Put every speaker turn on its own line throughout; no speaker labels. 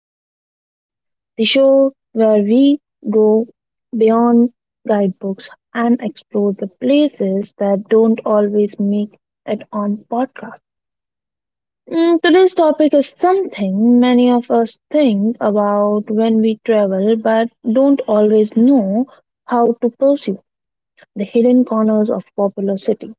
Sparkle of Life, the show where we go beyond guidebooks and explore the places that don't always make it on podcast. Today's topic is something many of us think about when we travel but don't always know how to pursue the hidden corners of popular cities.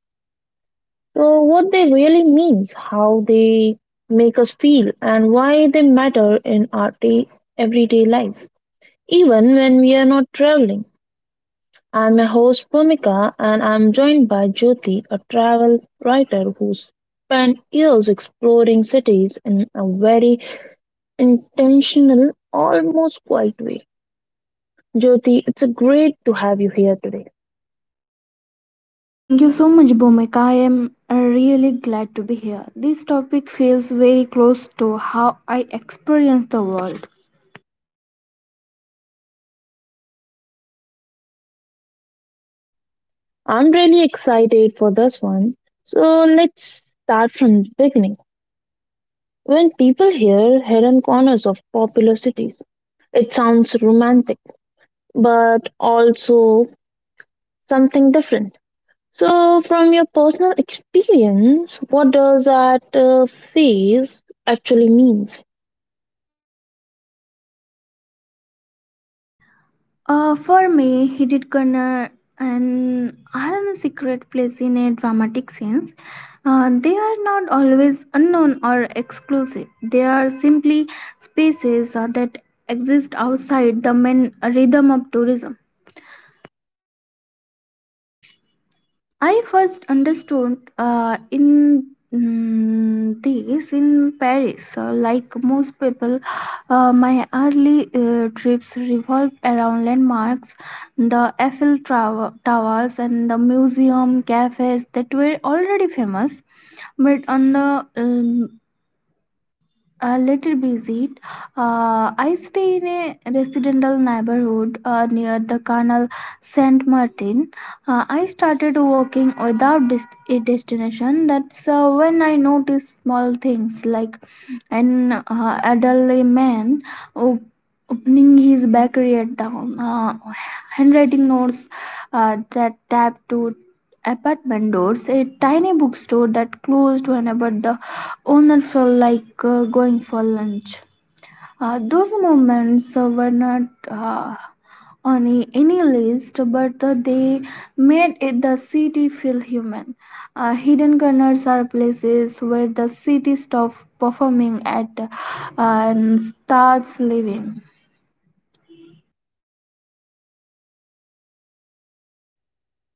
So, what they really means, how they make us feel, and why they matter in our everyday lives, even when we are not traveling. I'm your host Pumika, and I'm joined by Jyoti, a travel writer who spent years exploring cities in a very intentional, almost quiet way. Jyoti, it's a great to have you here today.
Thank you so much, Bhumika. I am really glad to be here. This topic feels very close to how I experience the world.
I'm really excited for this one. So let's start from the beginning. When people hear hidden corners of popular cities, it sounds romantic, but also something different. So, from your personal experience, what does that phase actually means?
For me, Hidden Corner and are secret place in a dramatic sense. They are not always unknown or exclusive. They are simply spaces that exist outside the main rhythm of tourism. I first understood this in Paris. So, like most people, my early trips revolved around landmarks, the Eiffel Tower, Towers, and the museum cafes that were already famous. But on the a little busy. I stay in a residential neighborhood near the canal Saint Martin. I started walking without a destination. That's when I noticed small things like an elderly man op- opening his bakery at down, handwriting notes that tapped to apartment doors, a tiny bookstore that closed whenever the owner felt like going for lunch. Those moments were not uh, on any list, but they made it the city feel human. Hidden corners are places where the city stops performing at and starts living.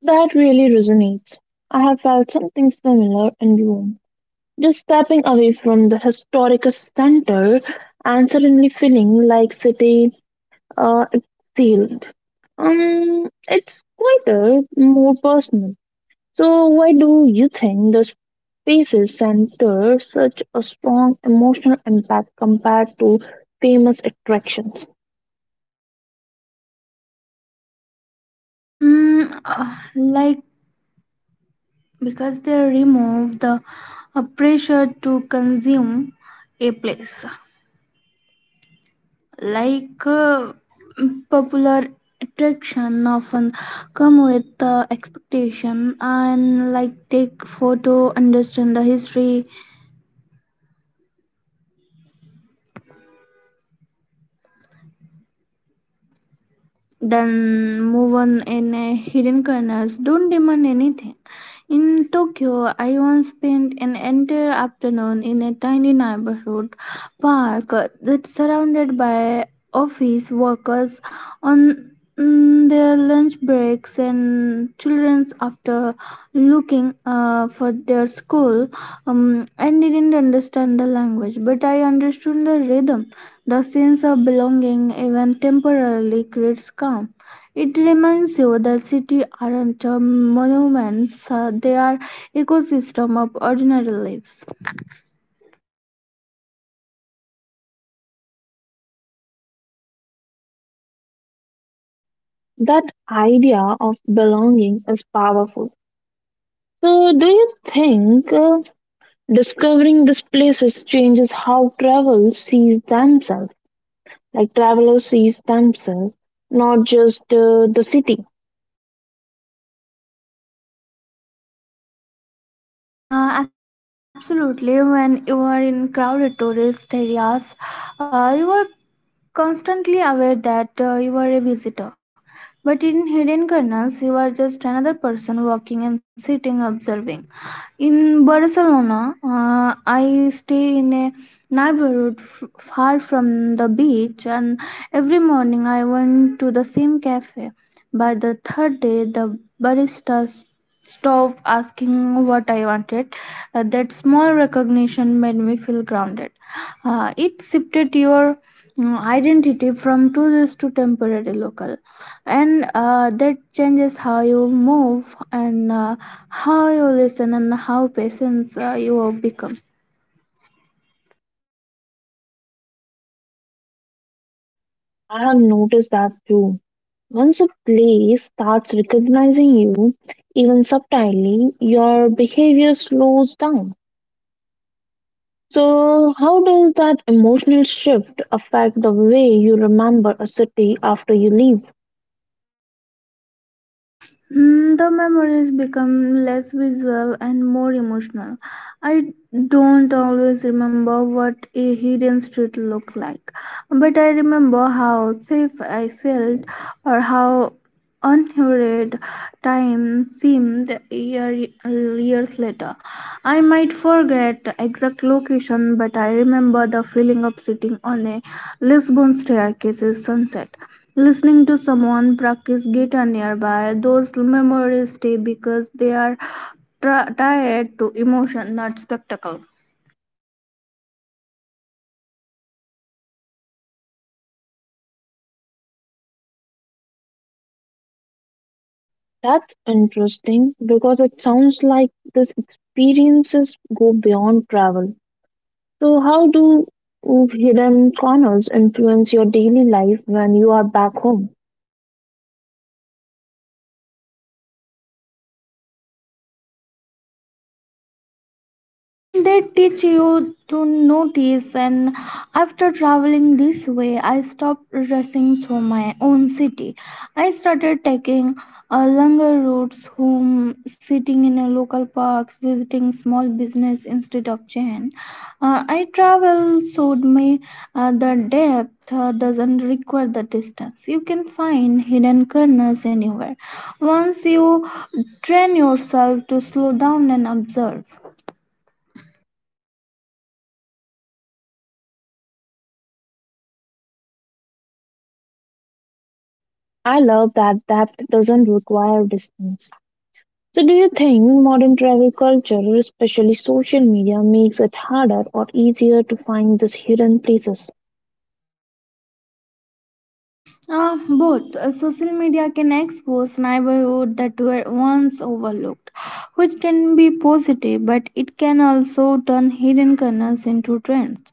That really resonates. I have felt something similar in Rome. Just stepping away from the historical center and suddenly feeling like city exhaled. It's quieter, more personal. So, why do you think the spaces center such a strong emotional impact compared to famous attractions?
Like because they remove the pressure to consume a place. Like popular attraction often come with expectation and like take photo understand the history. Then move on in a hidden corners. Don't demand anything. In Tokyo, I once spent an entire afternoon in a tiny neighborhood park that's surrounded by office workers on their lunch breaks and children's after looking for their school. Um, I didn't understand the language but I understood the rhythm, the sense of belonging, even temporarily, creates calm. It reminds you that cities aren't monuments, they are ecosystem of ordinary lives.
That idea of belonging is powerful. So, do you think discovering these places changes how travel sees themselves? Like travelers sees themselves, not just the city.
Absolutely. When you are in crowded tourist areas, you are constantly aware that you are a visitor. But in hidden corners, you are just another person walking and sitting, observing. In Barcelona, I stay in a neighborhood far from the beach, and every morning I went to the same cafe. By the third day, the barista stop asking what I wanted. That small recognition made me feel grounded. It shifted your identity from tourist to temporary local, and that changes how you move and how you listen and how patient you become.
I have noticed that too. Once a place starts recognizing you, even subtly, your behavior slows down. So, how does that emotional shift affect the way you remember a city after you leave?
The memories become less visual and more emotional. I don't always remember what a hidden street looked like, but I remember how safe I felt or how unhurried time seemed year, years later. I might forget the exact location, but I remember the feeling of sitting on a Lisbon staircase's sunset, listening to someone practice guitar nearby. Those memories stay because they are tied to emotion, not spectacle.
That's interesting because it sounds like these experiences go beyond travel. So, how do hidden corners influence your daily life when you are back home?
They teach you to notice. And after traveling this way I stopped rushing through my own city. I started taking longer routes home, sitting in a local parks, visiting small business instead of chain. I travel showed me the depth doesn't require the distance. You can find hidden corners anywhere once you train yourself to slow down and observe.
I love that depth doesn't require distance. So, do you think modern travel culture, especially social media, makes it harder or easier to find these hidden places?
Both social media can expose neighborhoods that were once overlooked, which can be positive, but it can also turn hidden corners into trends.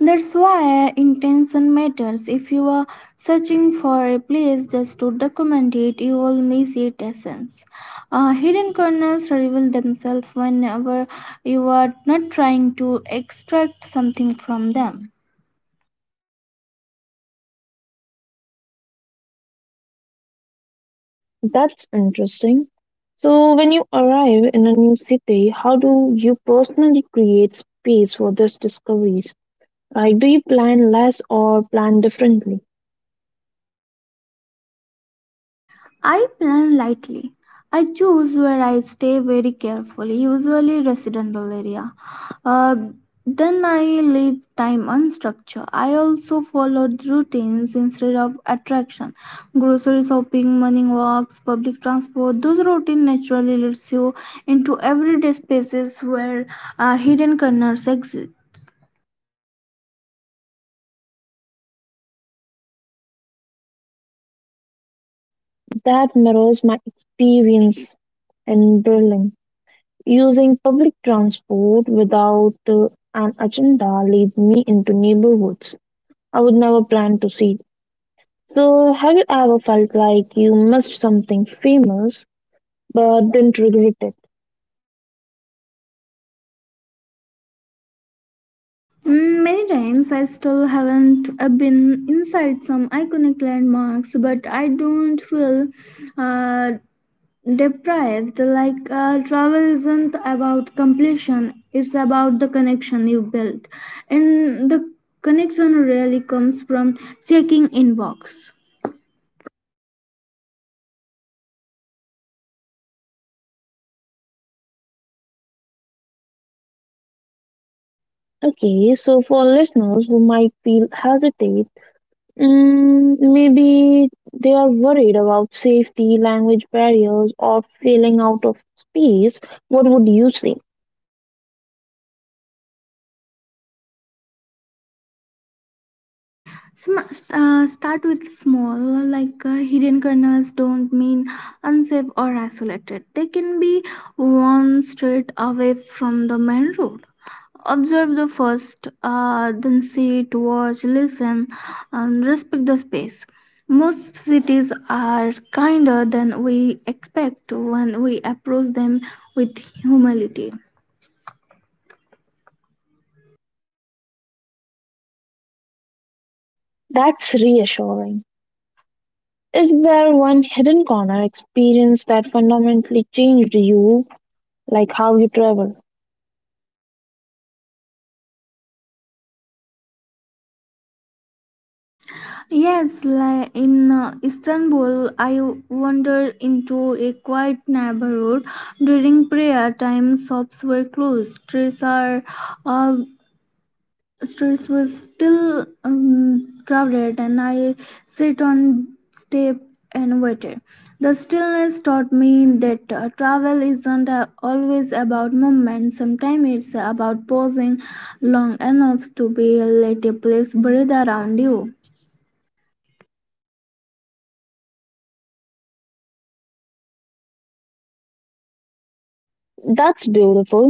That's why intention matters. If you are searching for a place just to document it, you will miss its essence. Hidden corners reveal themselves whenever you are not trying to extract something from them.
That's interesting. So, when you arrive in a new city, how do you personally create space for these discoveries? Like, do you plan less or plan differently?
I plan lightly. I choose where I stay very carefully, usually residential area. Uh, then I leave time unstructured. I also followed routines instead of attraction. Grocery shopping, morning walks, public transport. Those routine naturally leads you into everyday spaces where hidden corners exist.
That mirrors my experience in Berlin. Using public transport without an agenda lead me into neighborhoods I would never plan to see. So, have you ever felt like you missed something famous but didn't regret it?
Many times I still haven't been inside some iconic landmarks, but I don't feel uh, deprived. Like travel isn't about completion, it's about the connection you built. And the connection really comes from checking inbox.
Okay, so for listeners who might feel hesitate, maybe they are worried about safety, language barriers, or feeling out of space, what would you say?
Sm- Start with small, like hidden corners don't mean unsafe or isolated. They can be worn straight away from the main road. Observe the first, then sit, watch, listen, and respect the space. Most cities are kinder than we expect when we approach them with humility.
That's reassuring. Is there one hidden corner experience that fundamentally changed you, like how you travel?
Yes, like in Istanbul, I wandered into a quiet neighborhood during prayer time. Shops were closed, uh, streets were still crowded, and I sit on step and waited. The stillness taught me that travel isn't always about movement. Sometimes it's about pausing long enough to be let a place breathe around you.
That's beautiful.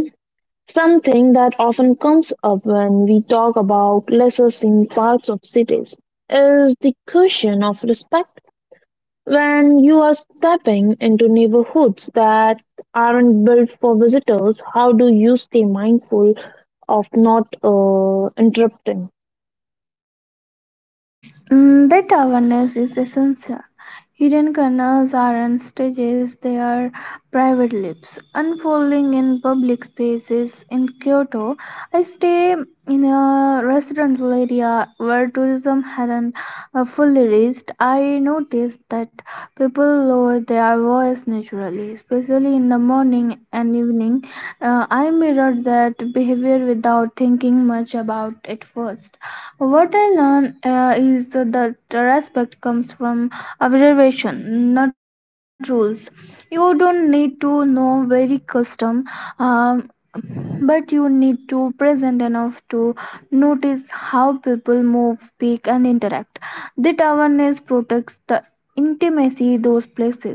Something that often comes up when we talk about lesser seen parts of cities is the question of respect. When you are stepping into neighborhoods that aren't built for visitors, how do you stay mindful of not interrupting?
That awareness is essential. Hidden corners aren't stages, they are private lips unfolding in public spaces. In Kyoto, I stay in a residential area where tourism hadn't fully reached. I noticed that people lower their voice naturally, especially in the morning and evening. I mirrored that behavior without thinking much about it first. What I learn is that respect comes from observation, not rules. You don't need to know very custom, um, but you need to present enough to notice how people move, speak, and interact. That awareness protects the intimacy those places.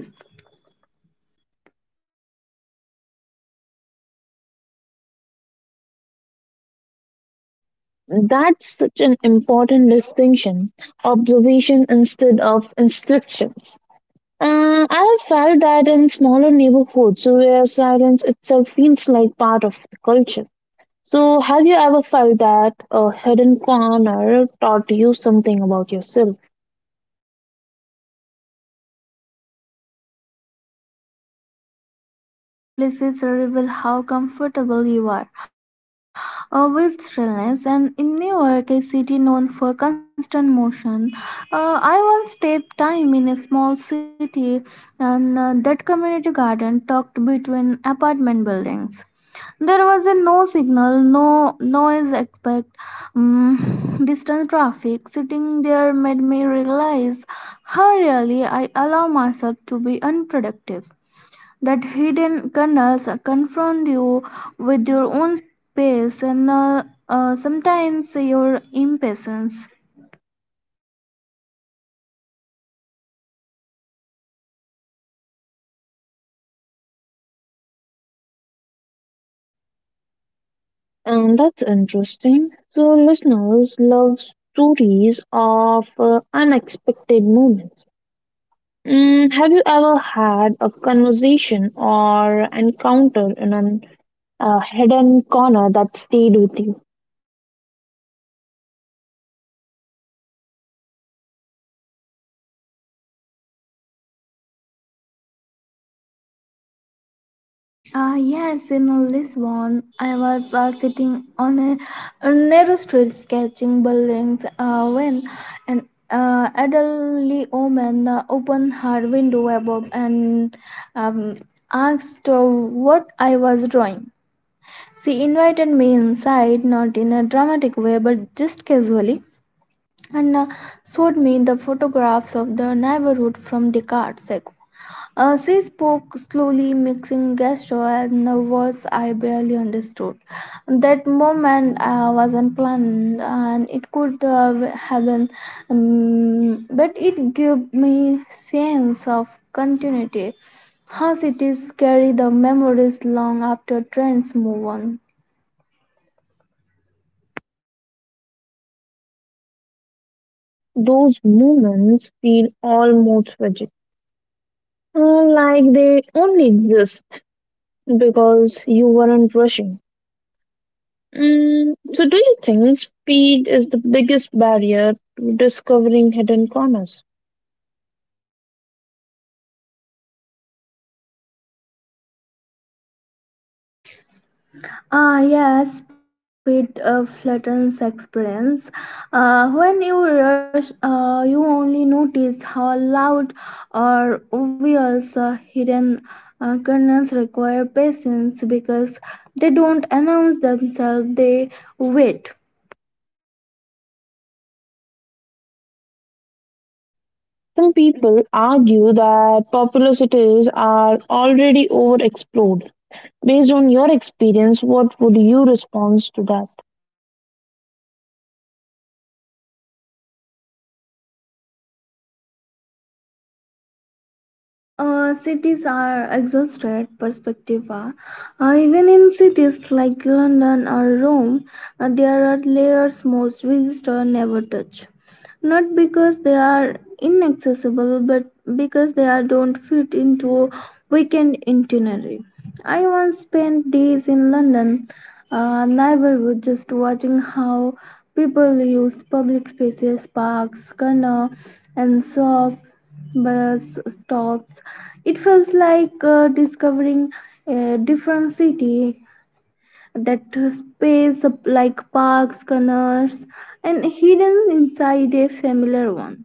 That's such an important distinction observation instead of instructions. I have felt that in smaller neighborhoods where silence itself feels like part of the culture. So, have you ever felt that a hidden corner taught you something about yourself?
Often, these places reveal how comfortable you are with stillness. And in New York, a city known for constant motion, I once spent time in a small city and that community garden tucked between apartment buildings. There was a no signal, no noise expect, mm distant traffic. Sitting there made me realize how really I allow myself to be unproductive. That hidden kernels confront you with your own pace and sometimes your impatience.
And that's interesting. So, listeners love stories of unexpected moments. Have you ever had a conversation or encounter in an a hidden corner that stayed with you?
Ah, yes, in Lisbon, I was sitting on a narrow street sketching buildings when an elderly woman opened her window above and um, asked what I was drawing. She invited me inside, not in a dramatic way, but just casually. And showed me the photographs of the neighborhood from Descartes. She spoke slowly, mixing gesture and the words I barely understood. That moment was unplanned, and it could have been, but it gave me sense of continuity. How cities carry the memories long after trends move on.
Those moments feel almost tragic, like they only exist because you weren't rushing. Mm, so, do you think speed is the biggest barrier to discovering hidden corners?
Ah, yes, bit flattens experience. When you rush, you only notice how loud or obvious hidden curtains require patience because they don't announce themselves, they wait.
Some people argue that popular cities are already overexplored. Based on your experience, what would you respond to that?
Like cities are exhausted perspective. Even in cities like London or Rome, there are layers most visitors never touch, not because they are inaccessible but because they are don't fit into weekend itinerary. I once spent days in London neighborhood just watching how people use public spaces, parks, corner, and shops, bus stops. It felt like discovering a different city, that space up like parks, corners, and hidden inside a familiar one.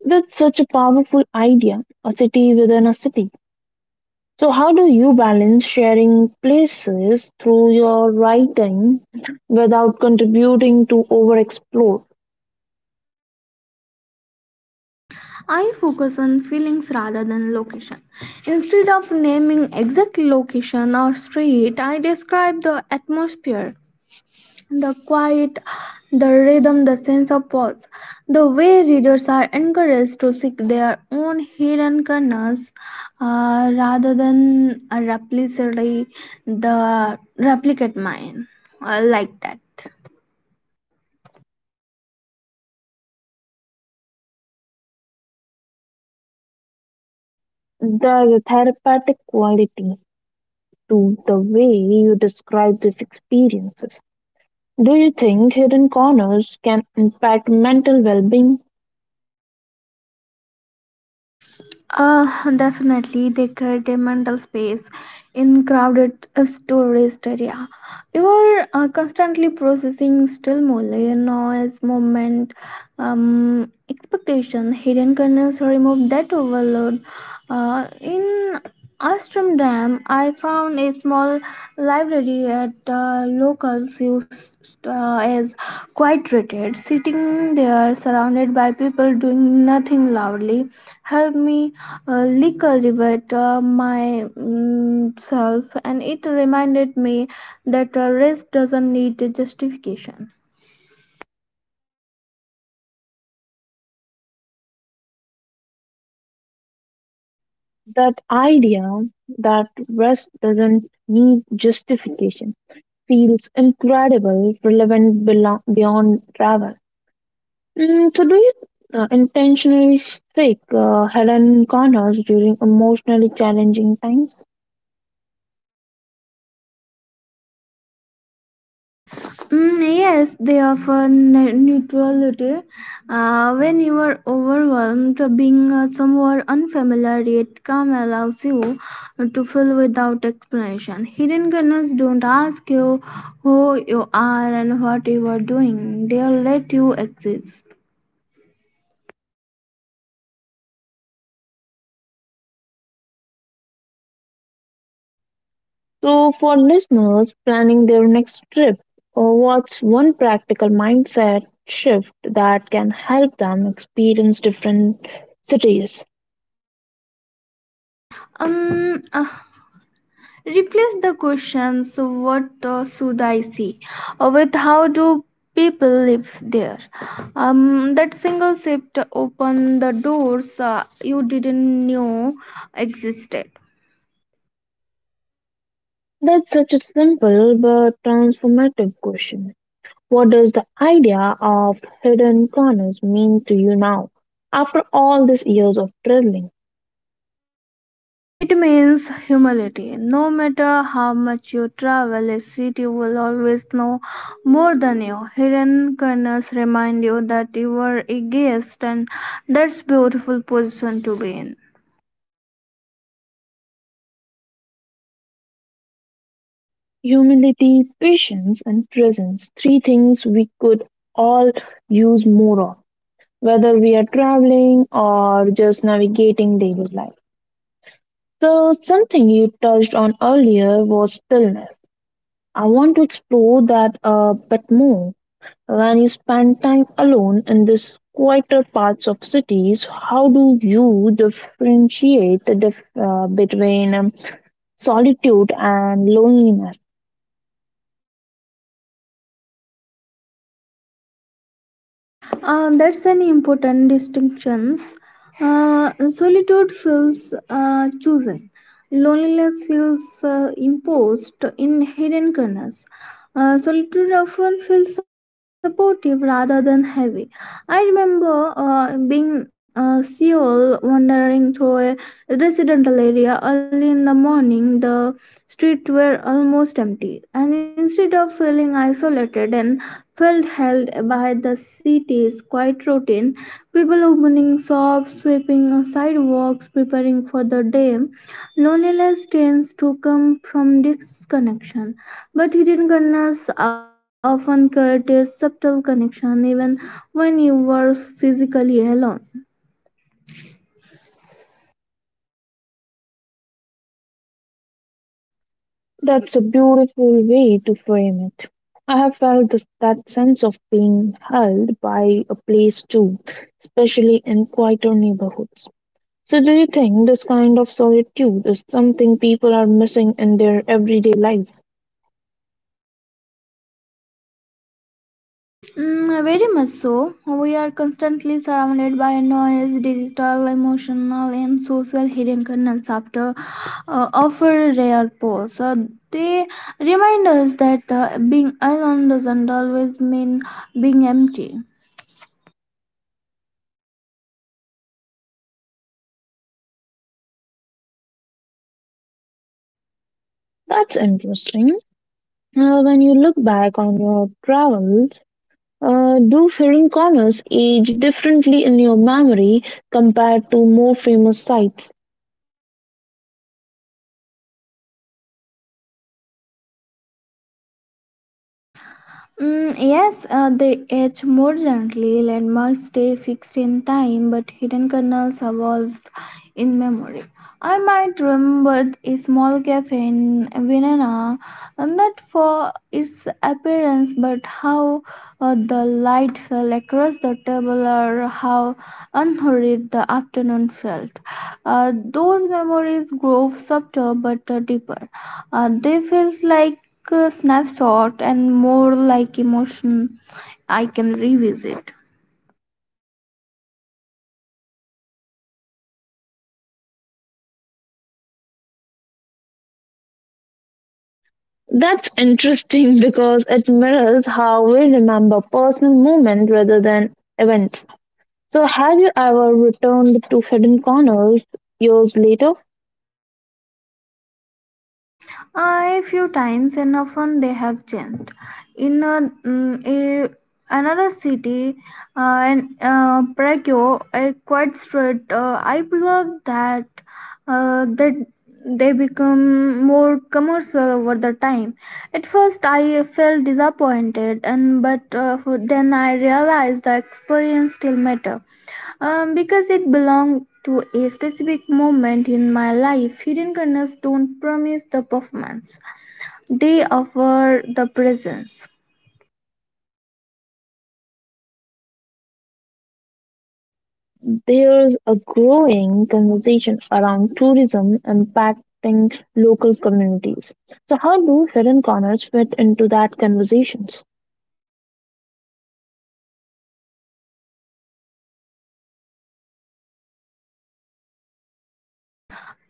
That's such a powerful idea, a city within a city. So, how do you balance sharing places through your writing without contributing to overexplore?
I focus on feelings rather than location. Instead of naming exact location or street, I describe the atmosphere, the quiet, the rhythm, the sense of pause. The way readers are encouraged to seek their own hidden corners rather than replicate mine, like that.
There's a therapeutic quality to the way you describe these experiences. Do you think hidden corners can impact mental well being?
Uh, Definitely, they create a mental space in crowded tourist area. You are constantly processing still more layer noise, movement, expectation, hidden kernels. Remove that overload. In Amsterdam, I found a small library at locals used as quite treated. Sitting there, surrounded by people doing nothing loudly, helped me Lika myself, and it reminded me that a race doesn't need a justification.
That idea that rest doesn't need justification feels incredible, relevant beyond travel. Mm, so, do you intentionally seek hidden corners during emotionally challenging times?
Yes, they offer neutrality. When you are overwhelmed, being somewhere unfamiliar yet calm allows you to feel without explanation. Hidden gunners don't ask you who you are and what you are doing, they let you exist.
So, for listeners planning their next trip, what's one practical mindset shift that can help them experience different cities?
Um, uh, Replace the questions what should I see with how do people live there. That single shift opened the doors you didn't know existed.
That's such a simple but transformative question. What does the idea of hidden corners mean to you now, after all these years of traveling?
It means humility. No matter how much you travel, a city will always know more than you. Hidden corners remind you that you are a guest, and that's beautiful position to be in.
Humility, patience, and presence three things we could all use more of, whether we are traveling or just navigating daily life. So, something you touched on earlier was stillness. I want to explore that a bit more. When you spend time alone in these quieter parts of cities, how do you differentiate the between solitude and loneliness?
That's an important distinction. Solitude feels chosen. Loneliness feels imposed in hidden corners. Solitude often feels supportive rather than heavy. I remember being Seoul, wandering through a residential area early in the morning. The streets were almost empty, and instead of feeling isolated and felt held by the city's quiet routine. People opening shops, sweeping sidewalks, preparing for the day. Loneliness tends to come from disconnection, but hidden kindness often creates subtle connection even when you were physically alone.
That's a beautiful way to frame it. I have felt this, that sense of being held by a place too, especially in quieter neighborhoods. So, do you think this kind of solitude is something people are missing in their everyday lives?
Very much so. We are constantly surrounded by noise, digital, emotional, and social hidden kernels after offer rare pause. They remind us that being alone doesn't always mean being empty.
That's interesting. When you look back on your travels, do foreign corners age differently in your memory compared to more famous sites?
Yes, they age more gently. Landmarks stay fixed in time, but hidden kernels evolve in memory. I might remember a small cafe in Vienna, and not for its appearance, but how the light fell across the table or how unhurried the afternoon felt. Those memories grow subtle but deeper. They feels like a snapshot and more like emotion I can revisit.
That's interesting because it mirrors how we remember personal moments rather than events. So, have you ever returned to hidden corners years later?
A few times, and often they have changed in a another city in Prague, a quiet street I love that uh, that they become more commercial over the time. At first, I felt disappointed, and but then I realized the experience still matter because it belonged to a specific moment in my life. Hidden corners don't promise the performance; they offer the presence.
There's a growing conversation around tourism impacting local communities. So, how do hidden corners fit into that conversations?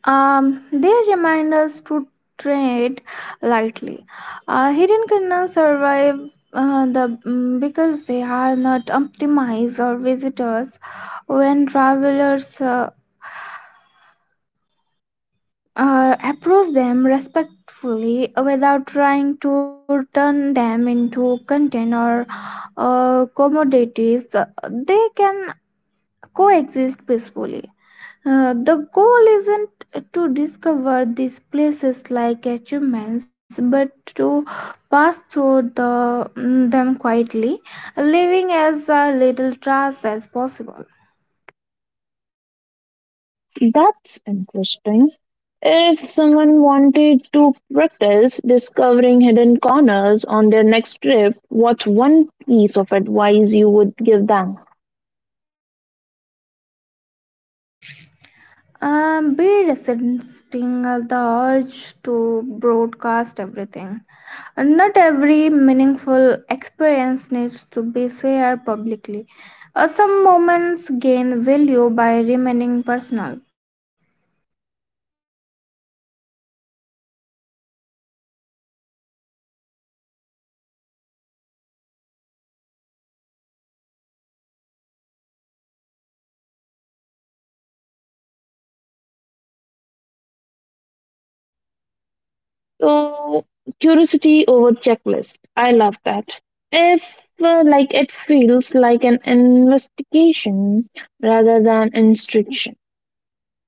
They remind us to tread lightly. Hidden corners survive because they are not optimized or visitors. When travelers approach them respectfully without trying to turn them into content or commodities, they can coexist peacefully. The goal isn't to discover these places like achievements, but to pass through them quietly, leaving as little trace as possible.
That's interesting. If someone wanted to practice discovering hidden corners on their next trip, what's one piece of advice you would give them?
Be resisting the urge to broadcast everything. And not every meaningful experience needs to be shared publicly. Some moments gain value by remaining personal.
So, curiosity over checklist. I love that. If like it feels like an investigation rather than instruction.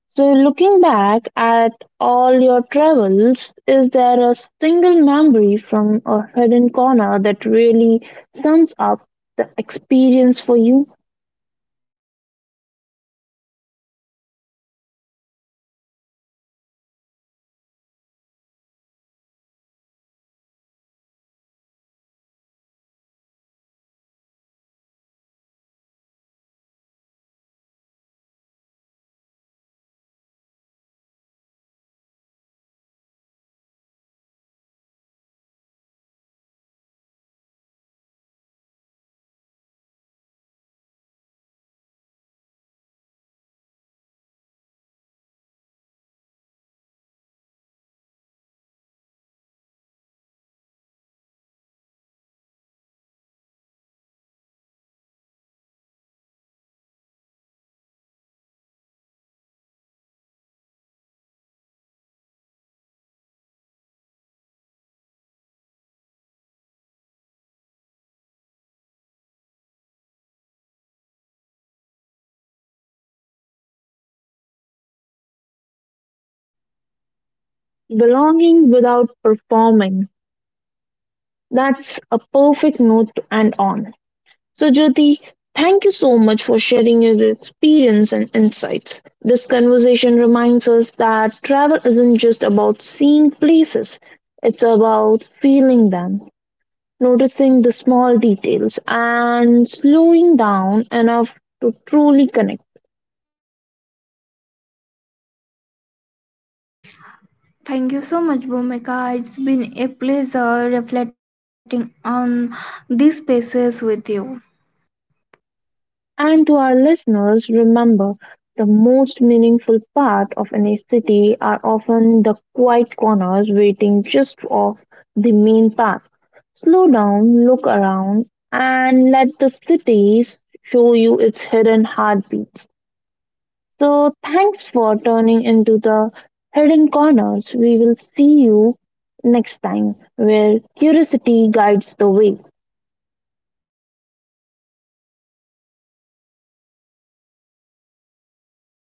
So, looking back at all your travels, is there a single memory from a hidden corner that really sums up the experience for you?
Yes, in Lisbon, I spent the afternoon in a tiny square where neighbors gather, mm, to chat or children played. I didn't understand all their words, but I felt included in the rhythm of the place. That's the essence of hidden corners. So they let you belong even briefly without trying to impress or perform.
Belonging without performing. That's a perfect note to end on. So, Jyoti, thank you so much for sharing your experience and insights. This conversation reminds us that travel isn't just about seeing places, it's about feeling them. Noticing the small details and slowing down enough to truly connect.
Thank you so much, Bhumika. It's been a pleasure reflecting on these spaces with you.
And to our listeners, remember the most meaningful part of any city are often the quiet corners waiting just off the main path. Slow down, look around, and let the cities show you its hidden heartbeats. So, thanks for turning into the hidden corners. We will see you next time where curiosity guides the way.